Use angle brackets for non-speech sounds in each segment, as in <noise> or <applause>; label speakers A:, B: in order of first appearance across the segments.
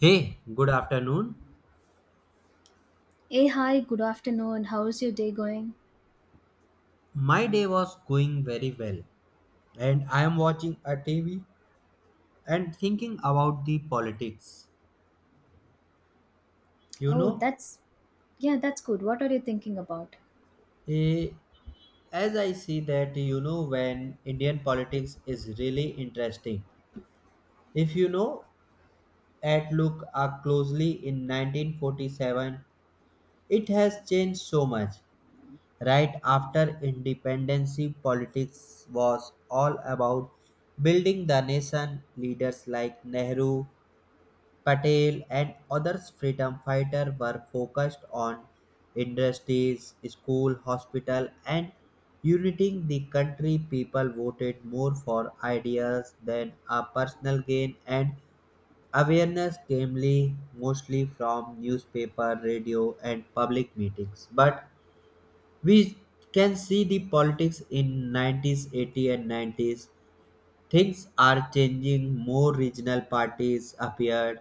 A: Hey, good afternoon.
B: Hey, hi, good afternoon. How's your day going?
A: My day was going very well, and I am watching a TV and thinking about the politics. You
B: Oh,
A: know,
B: that's yeah, that's good. What are you thinking about?
A: eh, as I see that, you know, when Indian politics is really interesting. If you know, at look closely in 1947, it has changed so much. Right after independence, politics was all about building the nation. Leaders like Nehru, Patel, and others freedom fighters were focused on industries, school, hospital, and uniting the country. People voted more for ideas than a personal gain, and awareness came mostly from newspaper, radio, and public meetings. But we can see the politics in 90s, 80s, and 90s. Things are changing. More regional parties appeared.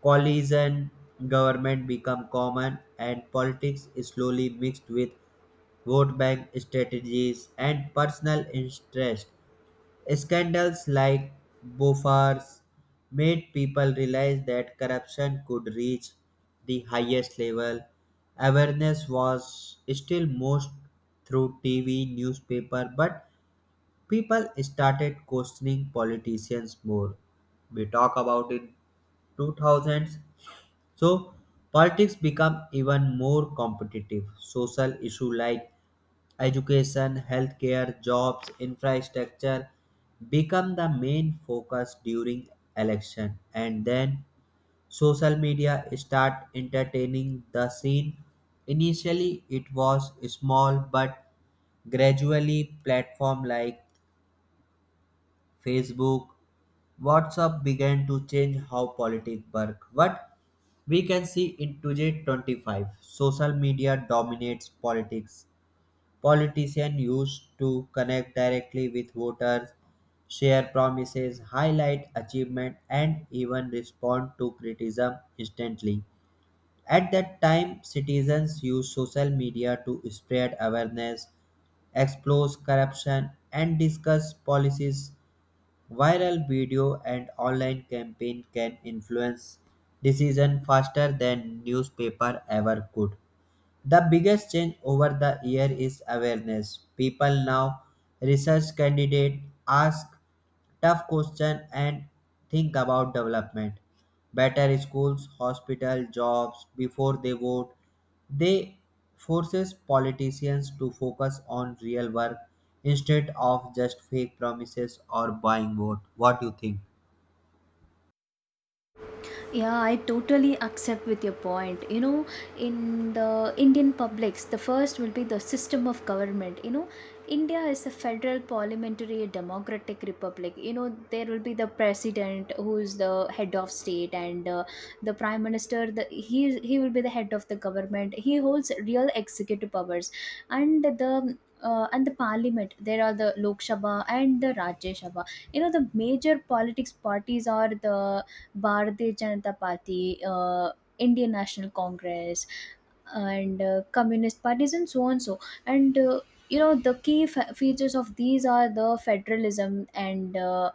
A: Coalition government become common and politics is slowly mixed with vote bank strategies and personal interest. Scandals like Bofors made people realize that corruption could reach the highest level. Awareness was still most through TV, newspaper, but people started questioning politicians more. We talk about it 2000s. So politics become even more competitive. Social issue like education, healthcare, jobs, infrastructure become the main focus during election and then social media start entertaining the scene. Initially it was small but gradually platform like Facebook, WhatsApp began to change how politics work. What we can see in 2025, social media dominates politics. Politicians used to connect directly with voters, share promises, highlight achievement, and even respond to criticism instantly. At that time, citizens used social media to spread awareness, expose corruption, and discuss policies. Viral video and online campaign can influence decision faster than newspaper ever could. The biggest change over the year is awareness. People now research candidate, ask tough question and think about development. Better schools, hospital, jobs before they vote. They forces politicians to focus on real work instead of just fake promises or buying vote. What do you think?
B: Yeah, I totally accept with your point. In the Indian publics, the first will be the system of government. India is a federal parliamentary democratic republic. There will be the president, who is the head of state, and the prime minister. The, he he will be the head of the government. He holds real executive powers, and the parliament, there are the Lok Sabha and the Rajya Sabha. The major politics parties are the Bharatiya Janata Party, Indian National Congress, and communist parties, and so on so. And the key features of these are the federalism and. Uh,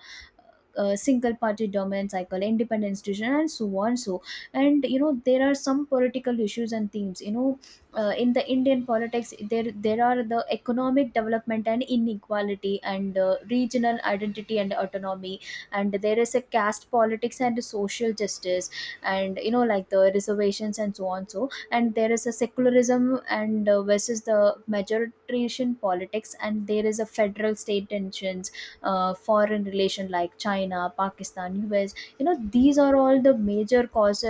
B: uh, single party dominant cycle, independent institution, and so on so. And there are some political issues and themes. In the Indian politics, there are the economic development and inequality, and regional identity and autonomy, and there is a caste politics and social justice, and like the reservations and so on so, and there is a secularism and versus the majoritarian politics, and there is a federal state tensions. Foreign relation like China, Pakistan, US, these are all the major cause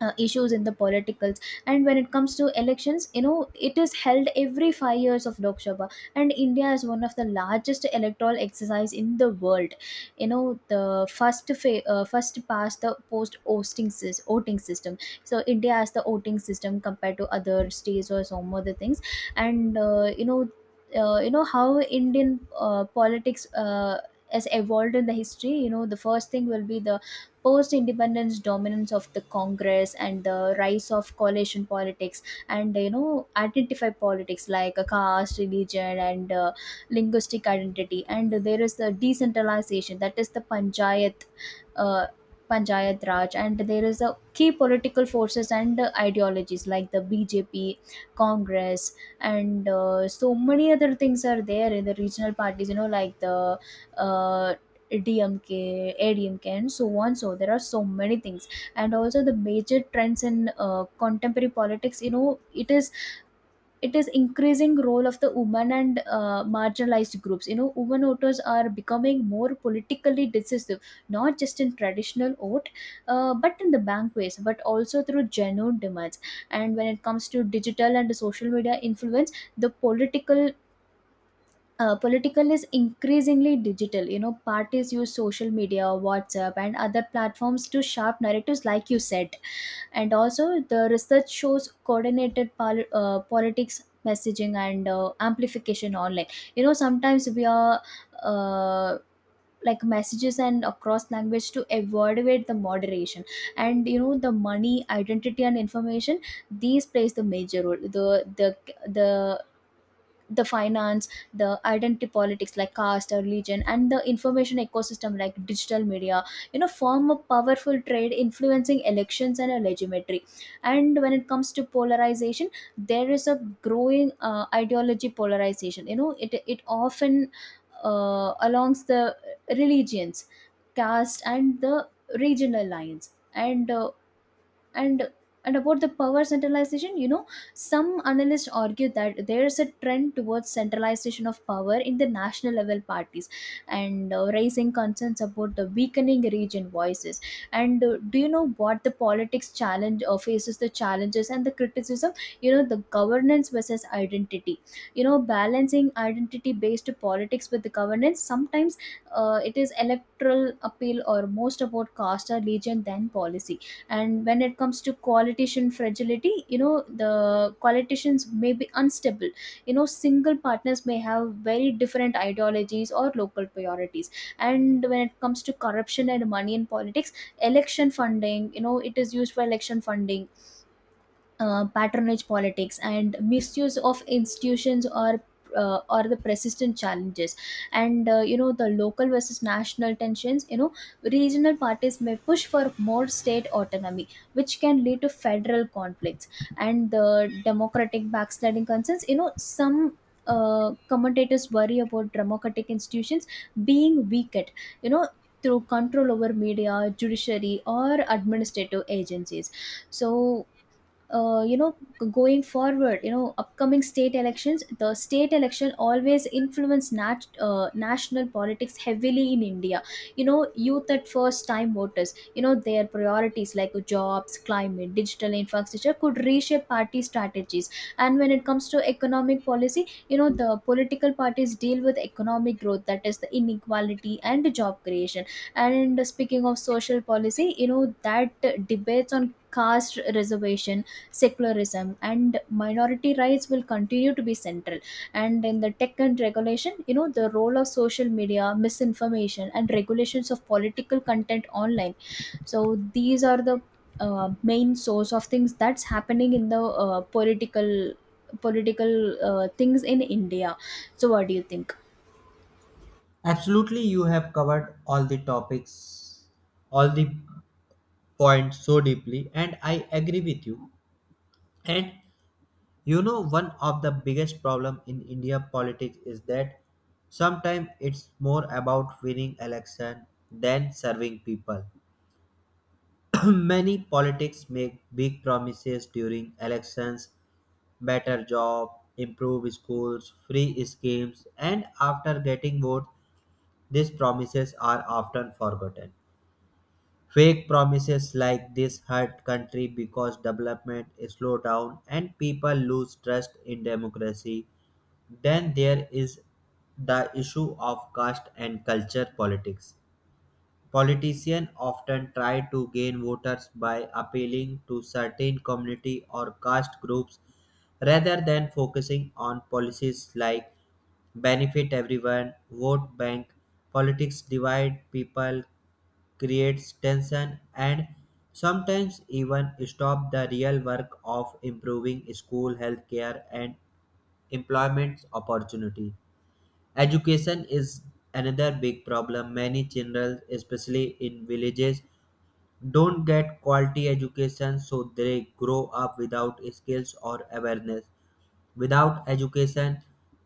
B: issues in the politicals. And when it comes to elections, it is held every 5 years of Lok Sabha, and India is one of the largest electoral exercise in the world you know the first past the post voting system, so India has the voting system compared to other states or some other things. And how Indian politics has evolved in the history. The first thing will be the post independence dominance of the Congress and the rise of coalition politics, and identify politics like a caste religion and linguistic identity, and there is the decentralization, that is the uh, Panchayat Raj, and there is a key political forces and ideologies like the BJP, Congress, and so many other things are there in the regional parties. Like the uh, DMK, ADMK, and so on. So there are so many things, and also the major trends in contemporary politics. It is increasing role of the women and marginalized groups. Women voters are becoming more politically decisive, not just in traditional vote, but in the banquets, but also through genuine demands. And when it comes to digital and social media influence, the political is increasingly digital. Parties use social media, WhatsApp, and other platforms to sharp narratives, like you said. And also, the research shows coordinated politics messaging and amplification online. Sometimes we are. Uh, like messages and across language to avoid the moderation, and the money identity and information, these plays the major role, the the the finance, the identity politics like caste or religion, and the information ecosystem like digital media form a powerful trade influencing elections and a legitimacy. And when it comes to polarization, there is a growing ideology polarization. It often alongs the religions, caste, and the regional lines, and and about the power centralization. Some analysts argue that there is a trend towards centralization of power in the national level parties, and raising concerns about the weakening region voices. And do you know what the politics challenge or faces the challenges and the criticism? The governance versus identity, balancing identity based politics with the governance sometimes, it is electoral appeal or most about caste or region than policy. And when it comes to coalition fragility, the coalitions may be unstable. Single partners may have very different ideologies or local priorities. And when it comes to corruption and money in politics, election funding, it is used for election funding, patronage politics, and misuse of institutions, or the persistent challenges. And the local versus national tensions, regional parties may push for more state autonomy, which can lead to federal conflicts. And the democratic backsliding concerns, some commentators worry about democratic institutions being weakened you know through control over media, judiciary, or administrative agencies. So uh, you know going forward, upcoming state elections, the state election always influence national politics heavily in India. Youth at first time voters, their priorities like jobs, climate, digital infrastructure could reshape party strategies. And when it comes to economic policy, the political parties deal with economic growth, that is the inequality and job creation. And speaking of social policy, that debates on caste reservation, secularism, and minority rights will continue to be central. And in the tech and regulation, the role of social media, misinformation, and regulations of political content online. So these are the main source of things that's happening in the political political things in India. So what do you think?
A: Absolutely, you have covered all the topics, all the point so deeply and I agree with you and you know one of the biggest problem in india politics is that sometimes it's more about winning election than serving people. <clears throat> Many politics make big promises during elections, better job, improve schools, free schemes, and after getting vote these promises are often forgotten. Fake promises like this hurt country because development is slow down and people lose trust in democracy. Then there is the issue of caste and culture politics. Politicians often try to gain voters by appealing to certain community or caste groups rather than focusing on policies like benefit everyone, vote bank. Politics divide people, creates tension and sometimes even stop the real work of improving school, healthcare, and employment opportunity. Education is another big problem. Many children especially in villages don't get quality education so they grow up without skills or awareness. Without education,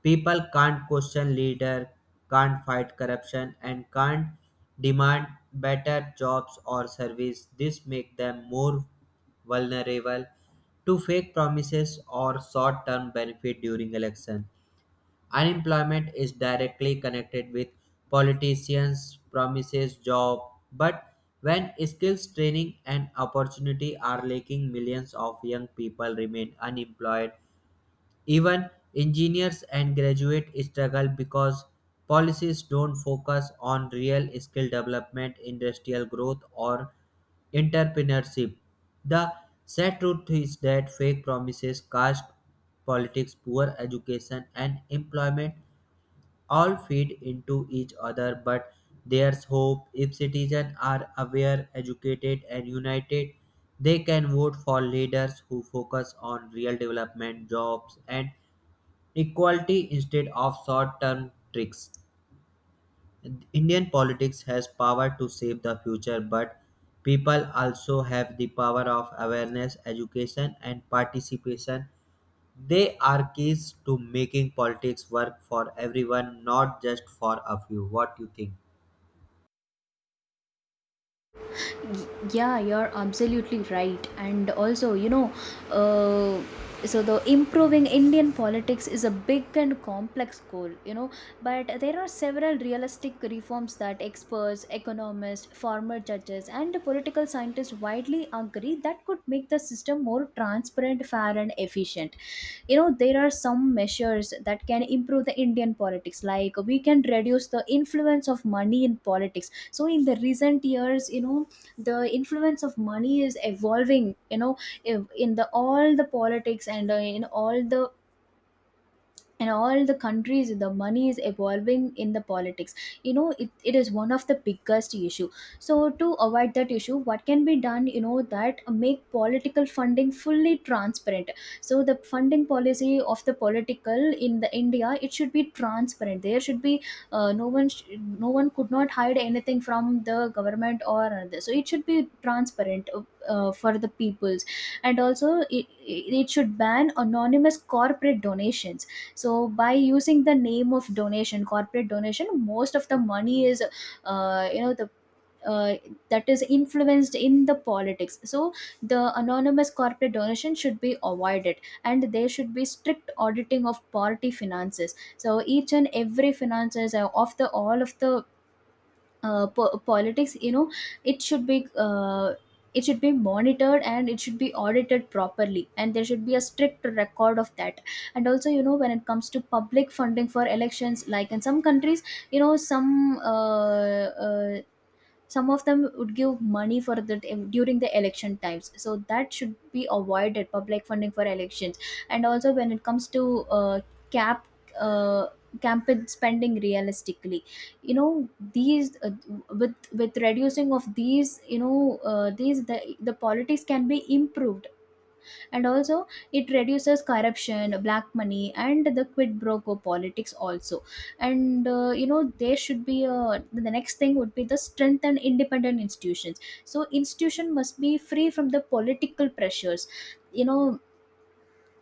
A: people can't question leader, can't fight corruption, and can't demand better jobs or service. This makes them more vulnerable to fake promises or short-term benefit during election. Unemployment is directly connected with politicians' promises job, but when skills training and opportunity are lacking, millions of young people remain unemployed. Even engineers and graduates struggle because policies don't focus on real skill development, industrial growth, or entrepreneurship. The sad truth is that fake promises, caste politics, poor education, and employment all feed into each other, but there's hope if citizens are aware, educated, and united. They can vote for leaders who focus on real development, jobs, and equality instead of short term tricks. Indian politics has power to shape the future, but people also have the power of awareness, education, and participation. They are keys to making politics work for everyone, not just for a few. What you think?
B: Y- yeah, you're absolutely right. And also, uh, so the improving Indian politics is a big and complex goal. But there are several realistic reforms that experts, economists, former judges, and political scientists widely agree that could make the system more transparent, fair, and efficient. There are some measures that can improve the Indian politics, like we can reduce the influence of money in politics. So in the recent years, the influence of money is evolving, in the all the politics, and in all the countries the money is evolving in the politics. It is one of the biggest issue. So to avoid that issue, what can be done, that make political funding fully transparent. So the funding policy of the political in the India, it should be transparent. There should be uh, no one sh- no one could not hide anything from the government or another, so it should be transparent for the peoples. And also it should ban anonymous corporate donations. So by using the name of donation, corporate donation, most of the money is you know the uh, that is influenced in the politics, so the anonymous corporate donation should be avoided. And there should be strict auditing of party finances. So each and every finances of the all of the politics, it should be uh, it should be monitored, and it should be audited properly, and there should be a strict record of that. And also, when it comes to public funding for elections, like in some countries, you know some uh, uh, some of them would give money for the during the election times, so that should be avoided, public funding for elections. And also when it comes to uh, cap uh, campaign spending realistically. These with reducing of these, these the politics can be improved. And also it reduces corruption, black money, and the quid pro quo politics also. And the next thing would be the strength and independent institutions, so institution must be free from the political pressures. you know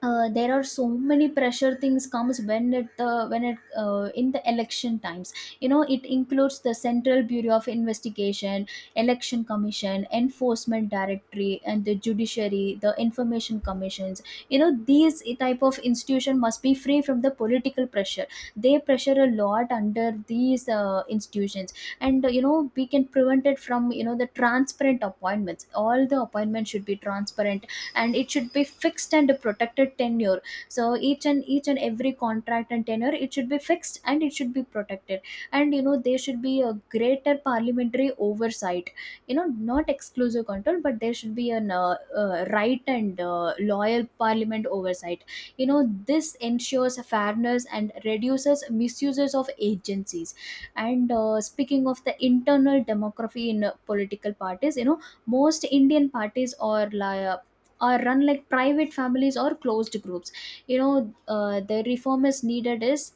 B: there are so many pressure things comes when it in the election times. It includes the central bureau of investigation, election commission, enforcement directory, and the judiciary, the information commissions. These type of institution must be free from the political pressure. They pressure a lot under these institutions. And we can prevent it from the transparent appointments, all the appointments should be transparent. And it should be fixed and protected tenure. So each and every contract and tenure, it should be fixed and it should be protected. And there should be a greater parliamentary oversight, not exclusive control, but there should be an right and loyal parliament oversight you know this ensures fairness and reduces misuses of agencies. And speaking of the internal demography in political parties, most Indian parties are or run like private families or closed groups. The reform is needed, is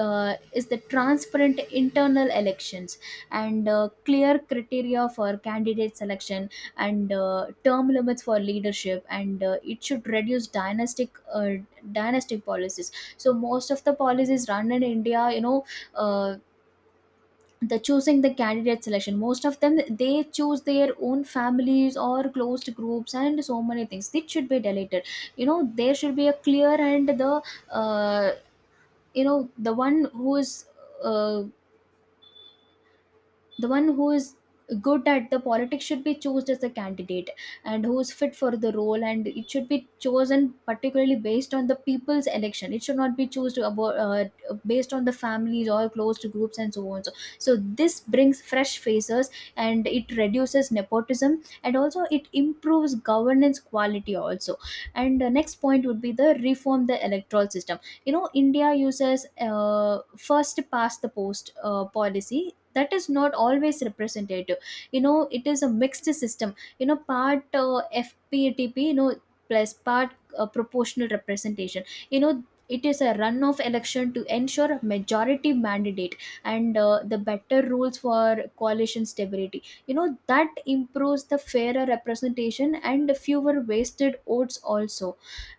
B: is the transparent internal elections. And clear criteria for candidate selection. And term limits for leadership, and it should reduce dynastic policies. So most of the policies run in India, uh, the choosing the candidate selection, most of them, they choose their own families or closed groups, and so many things. It should be deleted. There should be a clear and the, uh, the one who is uh, the one who is good at the politics should be chosen as a candidate, and who is fit for the role. And it should be chosen particularly based on the people's election. It should not be chosen about, based on the families or closed groups, and so on. So this brings fresh faces, and it reduces nepotism, and also it improves governance quality also. And the next point would be the reform the electoral system. India uses uh, first past the post policy, that is not always representative. It is a mixed system, part, FPTP, plus part proportional representation. It is a runoff election to ensure majority mandate, and the better rules for coalition stability, you know that improves the fairer representation and fewer wasted votes also.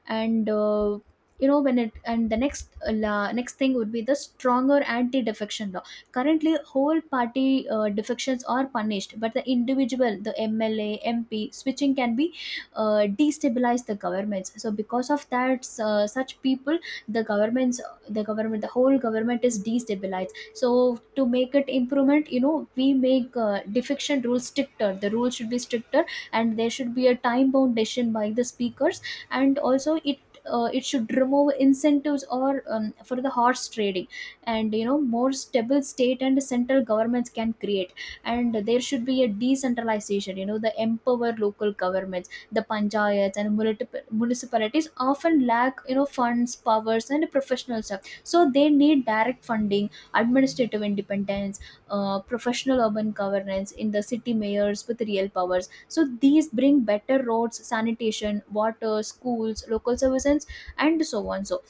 B: And you know when it and the next thing would be the stronger anti defection law. Currently, whole party defections are punished, but the individual, the MLA, MP switching can be, destabilize the governments. So because of that, such people, the governments, the whole government is destabilized. So to make it improvement, we make defection rules stricter. The rules should be stricter, and there should be a time bound decision by the speakers, and also it, it should remove incentives, or for the horse trading. And more stable state and central governments can create. And there should be a decentralization. The empower local governments, the panchayats and municipalities, often lack, funds, powers, and professional stuff. So they need direct funding, administrative independence, professional urban governance in the city, mayors with real powers. So these bring better roads, sanitation, water, schools, local services, and so on. So,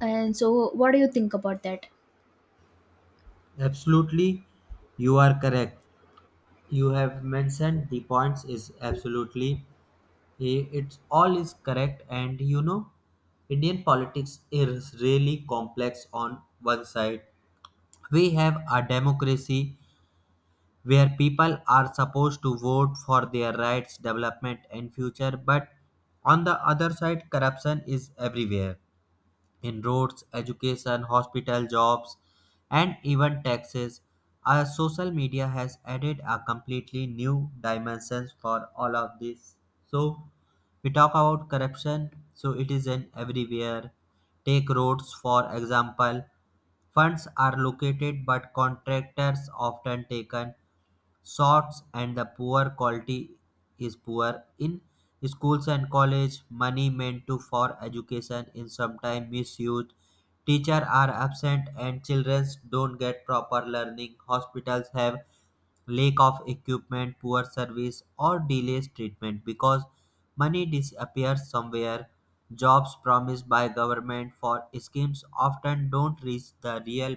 B: and so, what do you think about that?
A: Absolutely, you are correct. You have mentioned the points is absolutely it's all is correct and you know indian politics is really complex. On one side we have a democracy where people are supposed to vote for their rights, development, and future, but on the other side corruption is everywhere, in roads, education, hospital, jobs, and even taxes. Our social media has added a completely new dimensions for all of this. So we talk about corruption, so it is in everywhere. Take roads for example. Funds are located but contractors often taken shorts and the poor quality is poor. In schools and college, money meant to for education is sometimes misused, teachers are absent and children don't get proper learning. Hospitals have lack of equipment, poor service or delays treatment because money disappears somewhere. Jobs promised by government for schemes often don't reach the real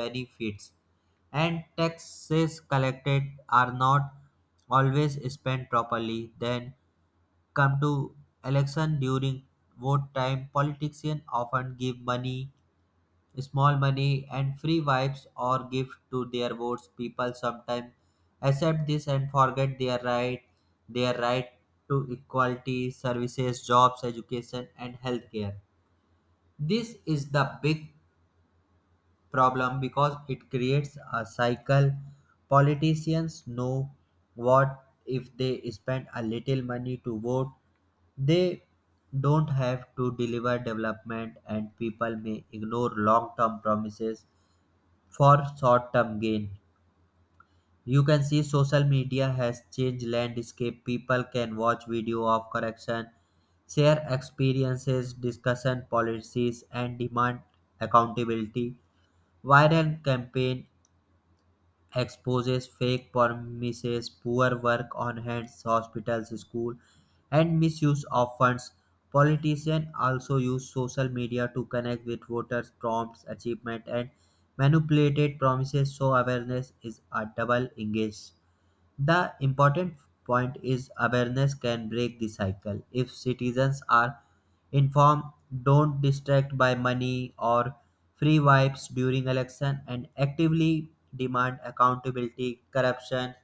A: benefits, and taxes collected are not always spent properly. Then come to election. During vote time, politicians often give money, small money, and free vibes or gift to their votes. People sometimes accept this and forget their right to equality, services, jobs, education, and healthcare. This is the big problem because it creates a cycle. Politicians know what if they spend a little money to vote, they don't have to deliver development, and people may ignore long term promises for short term gain. You can see social media has changed landscape. People can watch video of correction, share experiences, discussion policies, and demand accountability. Viral campaign exposes fake promises, poor work on hands, hospitals, school, and misuse of funds. Politicians also use social media to connect with voters, prompts achievement, and manipulated promises, so awareness is a double engaged. The important point is awareness can break the cycle. If citizens are inform, don't distract by money or free vibes during election and actively demand accountability, corruption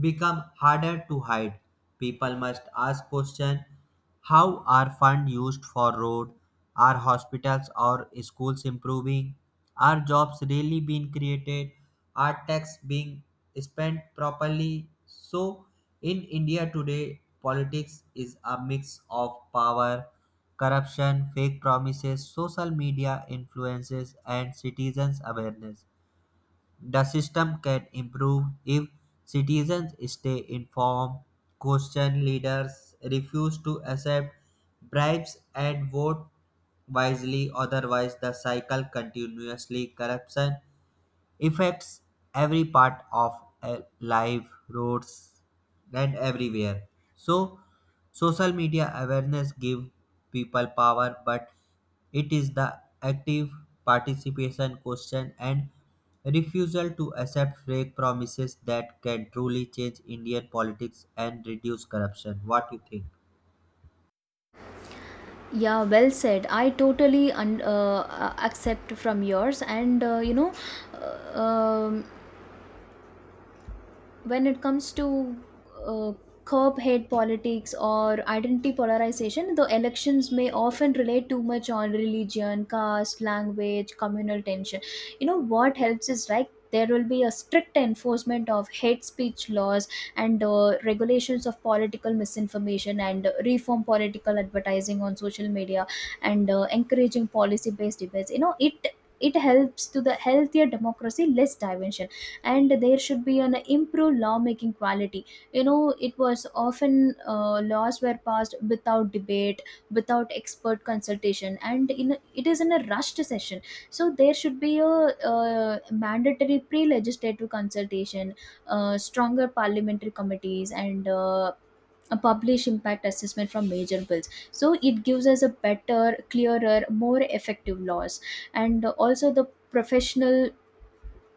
A: become harder to hide. People must ask question, how are funds used for road, are hospitals or schools improving, are jobs really being created, are tax being spent properly. So in India today, politics is a mix of power, corruption, fake promises, social media influences, and citizens' awareness. The system can improve if citizens stay informed, question leaders, refuse to accept bribes, and vote wisely. Otherwise, the cycle continuously corruption affects every part of life, roads and everywhere. So social media awareness give people power, but it is the active participation, question, and refusal to accept fake promises that can truly change indian politics and reduce corruption. What you think?
B: Yeah, well said. I totally accept from yours, and uh, um, when it comes to, uh, curb hate politics, or identity polarization. The elections may often relate too much on religion, caste, language, communal tension. You know what helps is, like, there will be a strict enforcement of hate speech laws, and regulations of political misinformation, and reform political advertising on social media, and encouraging policy based debates. It helps to the healthier democracy, less division. And there should be an improved lawmaking quality. It was often, laws were passed without debate, without expert consultation, and in it is in a rushed session. So there should be a, mandatory pre-legislative consultation, stronger parliamentary committees, and a published impact assessment from major bills. So it gives us a better, clearer, more effective laws. And also, the professional,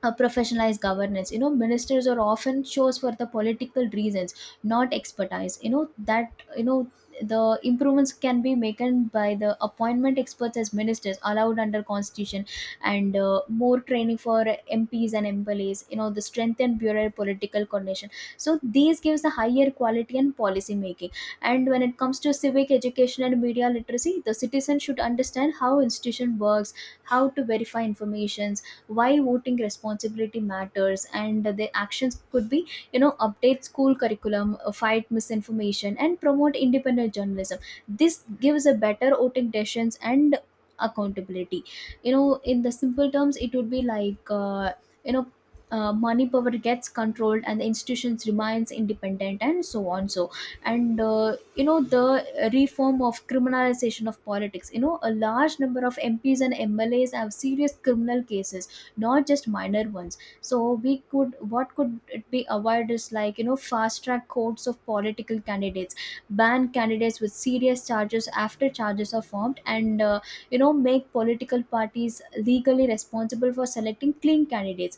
B: a professionalized governance. Ministers are often chose for the political reasons, not expertise. You know that you know The improvements can be made by the appointment experts as ministers allowed under constitution, and more training for MPs and MLAs. The strengthened bureau political coordination. So these gives the higher quality and policy making. And when it comes to civic education and media literacy, the citizen should understand how institution works, how to verify information, why voting responsibility matters, and their actions could be. Update school curriculum, fight misinformation, and promote independent journalism. This gives a better voting decisions and accountability. In the simple terms, it would be like, you know money power gets controlled, and the institutions remains independent, and so on. So and the reform of criminalization of politics. A large number of MPs and MLAs have serious criminal cases, not just minor ones. So we could what could it be avoided is, like, fast track courts of political candidates, ban candidates with serious charges after charges are formed, and make political parties legally responsible for selecting clean candidates.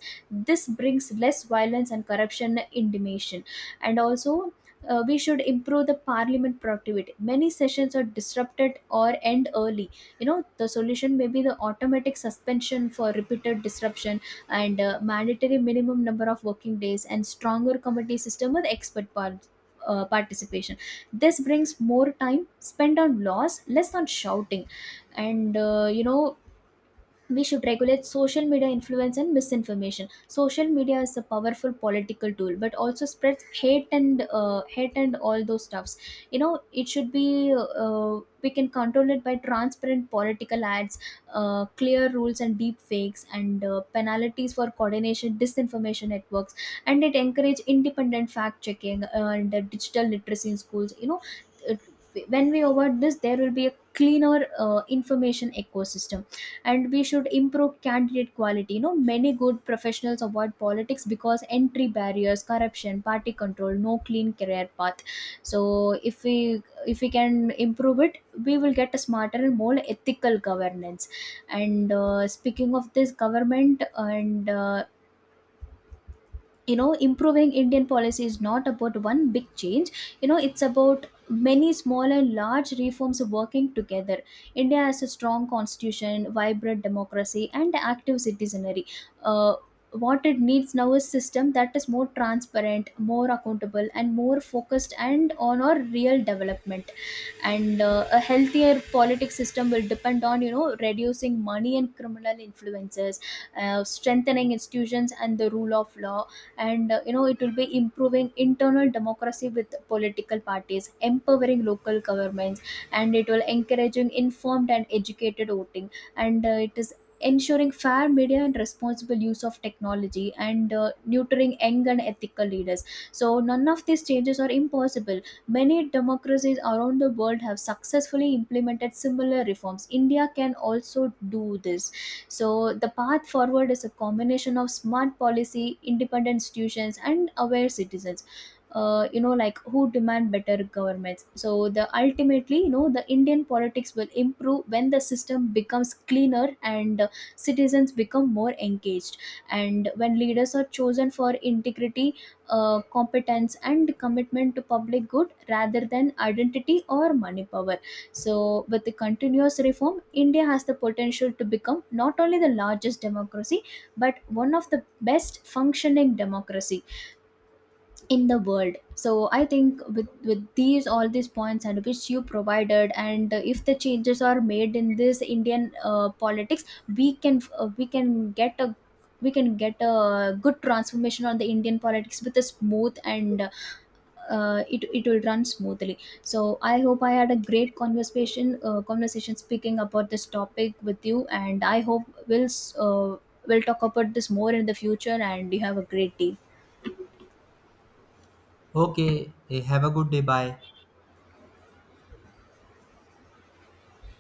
B: This brings less violence and corruption intimation. And also, we should improve the parliament productivity. Many sessions are disrupted or end early. The solution may be the automatic suspension for repeated disruption, and mandatory minimum number of working days, and stronger committee system with expert participation. This brings more time spent on laws, less on shouting. And we should regulate social media influence and misinformation. Social media is a powerful political tool, but also spreads hate, and all those stuffs. It should be we can control it by transparent political ads, clear rules and deep fakes, and penalties for coordination disinformation networks. And it encourage independent fact checking, and digital literacy in schools. It- when we award this, there will be a cleaner information ecosystem. And we should improve candidate quality. Many good professionals avoid politics, because entry barriers, corruption, party control, no clean career path. So if we can improve it, we will get a smarter and more ethical governance. And speaking of this government, and improving Indian policy is not about one big change. It's about many small and large reforms working together. India has a strong constitution, vibrant democracy, and active citizenry. uh, what it needs now is system that is more transparent, more accountable, and more focused and on our real development. And a healthier politics system will depend on, reducing money and criminal influences, strengthening institutions and the rule of law. And it will be improving internal democracy with political parties, empowering local governments. And it will encouraging informed and educated voting. And it is ensuring fair media and responsible use of technology, and nurturing young and ethical leaders. So none of these changes are impossible. Many democracies around the world have successfully implemented similar reforms. India can also do this. So the path forward is a combination of smart policy, independent institutions, and aware citizens. Like who demand better governments. So the ultimately, the Indian politics will improve when the system becomes cleaner, and citizens become more engaged, and when leaders are chosen for integrity, competence, and commitment to public good, rather than identity or money power. So, with the continuous reform, India has the potential to become not only the largest democracy, but one of the best functioning democracy in the world. So, I think with these all these points and which you provided, and if the changes are made in this Indian politics, we can uh, we can get a we can get a good transformation on the Indian politics, with a smooth and it will run smoothly. So I hope I had a great conversation speaking about this topic with you, and I hope we'll s- uh, we'll talk about this more in the future. And you have a great day.
A: Okay, have a good day, bye.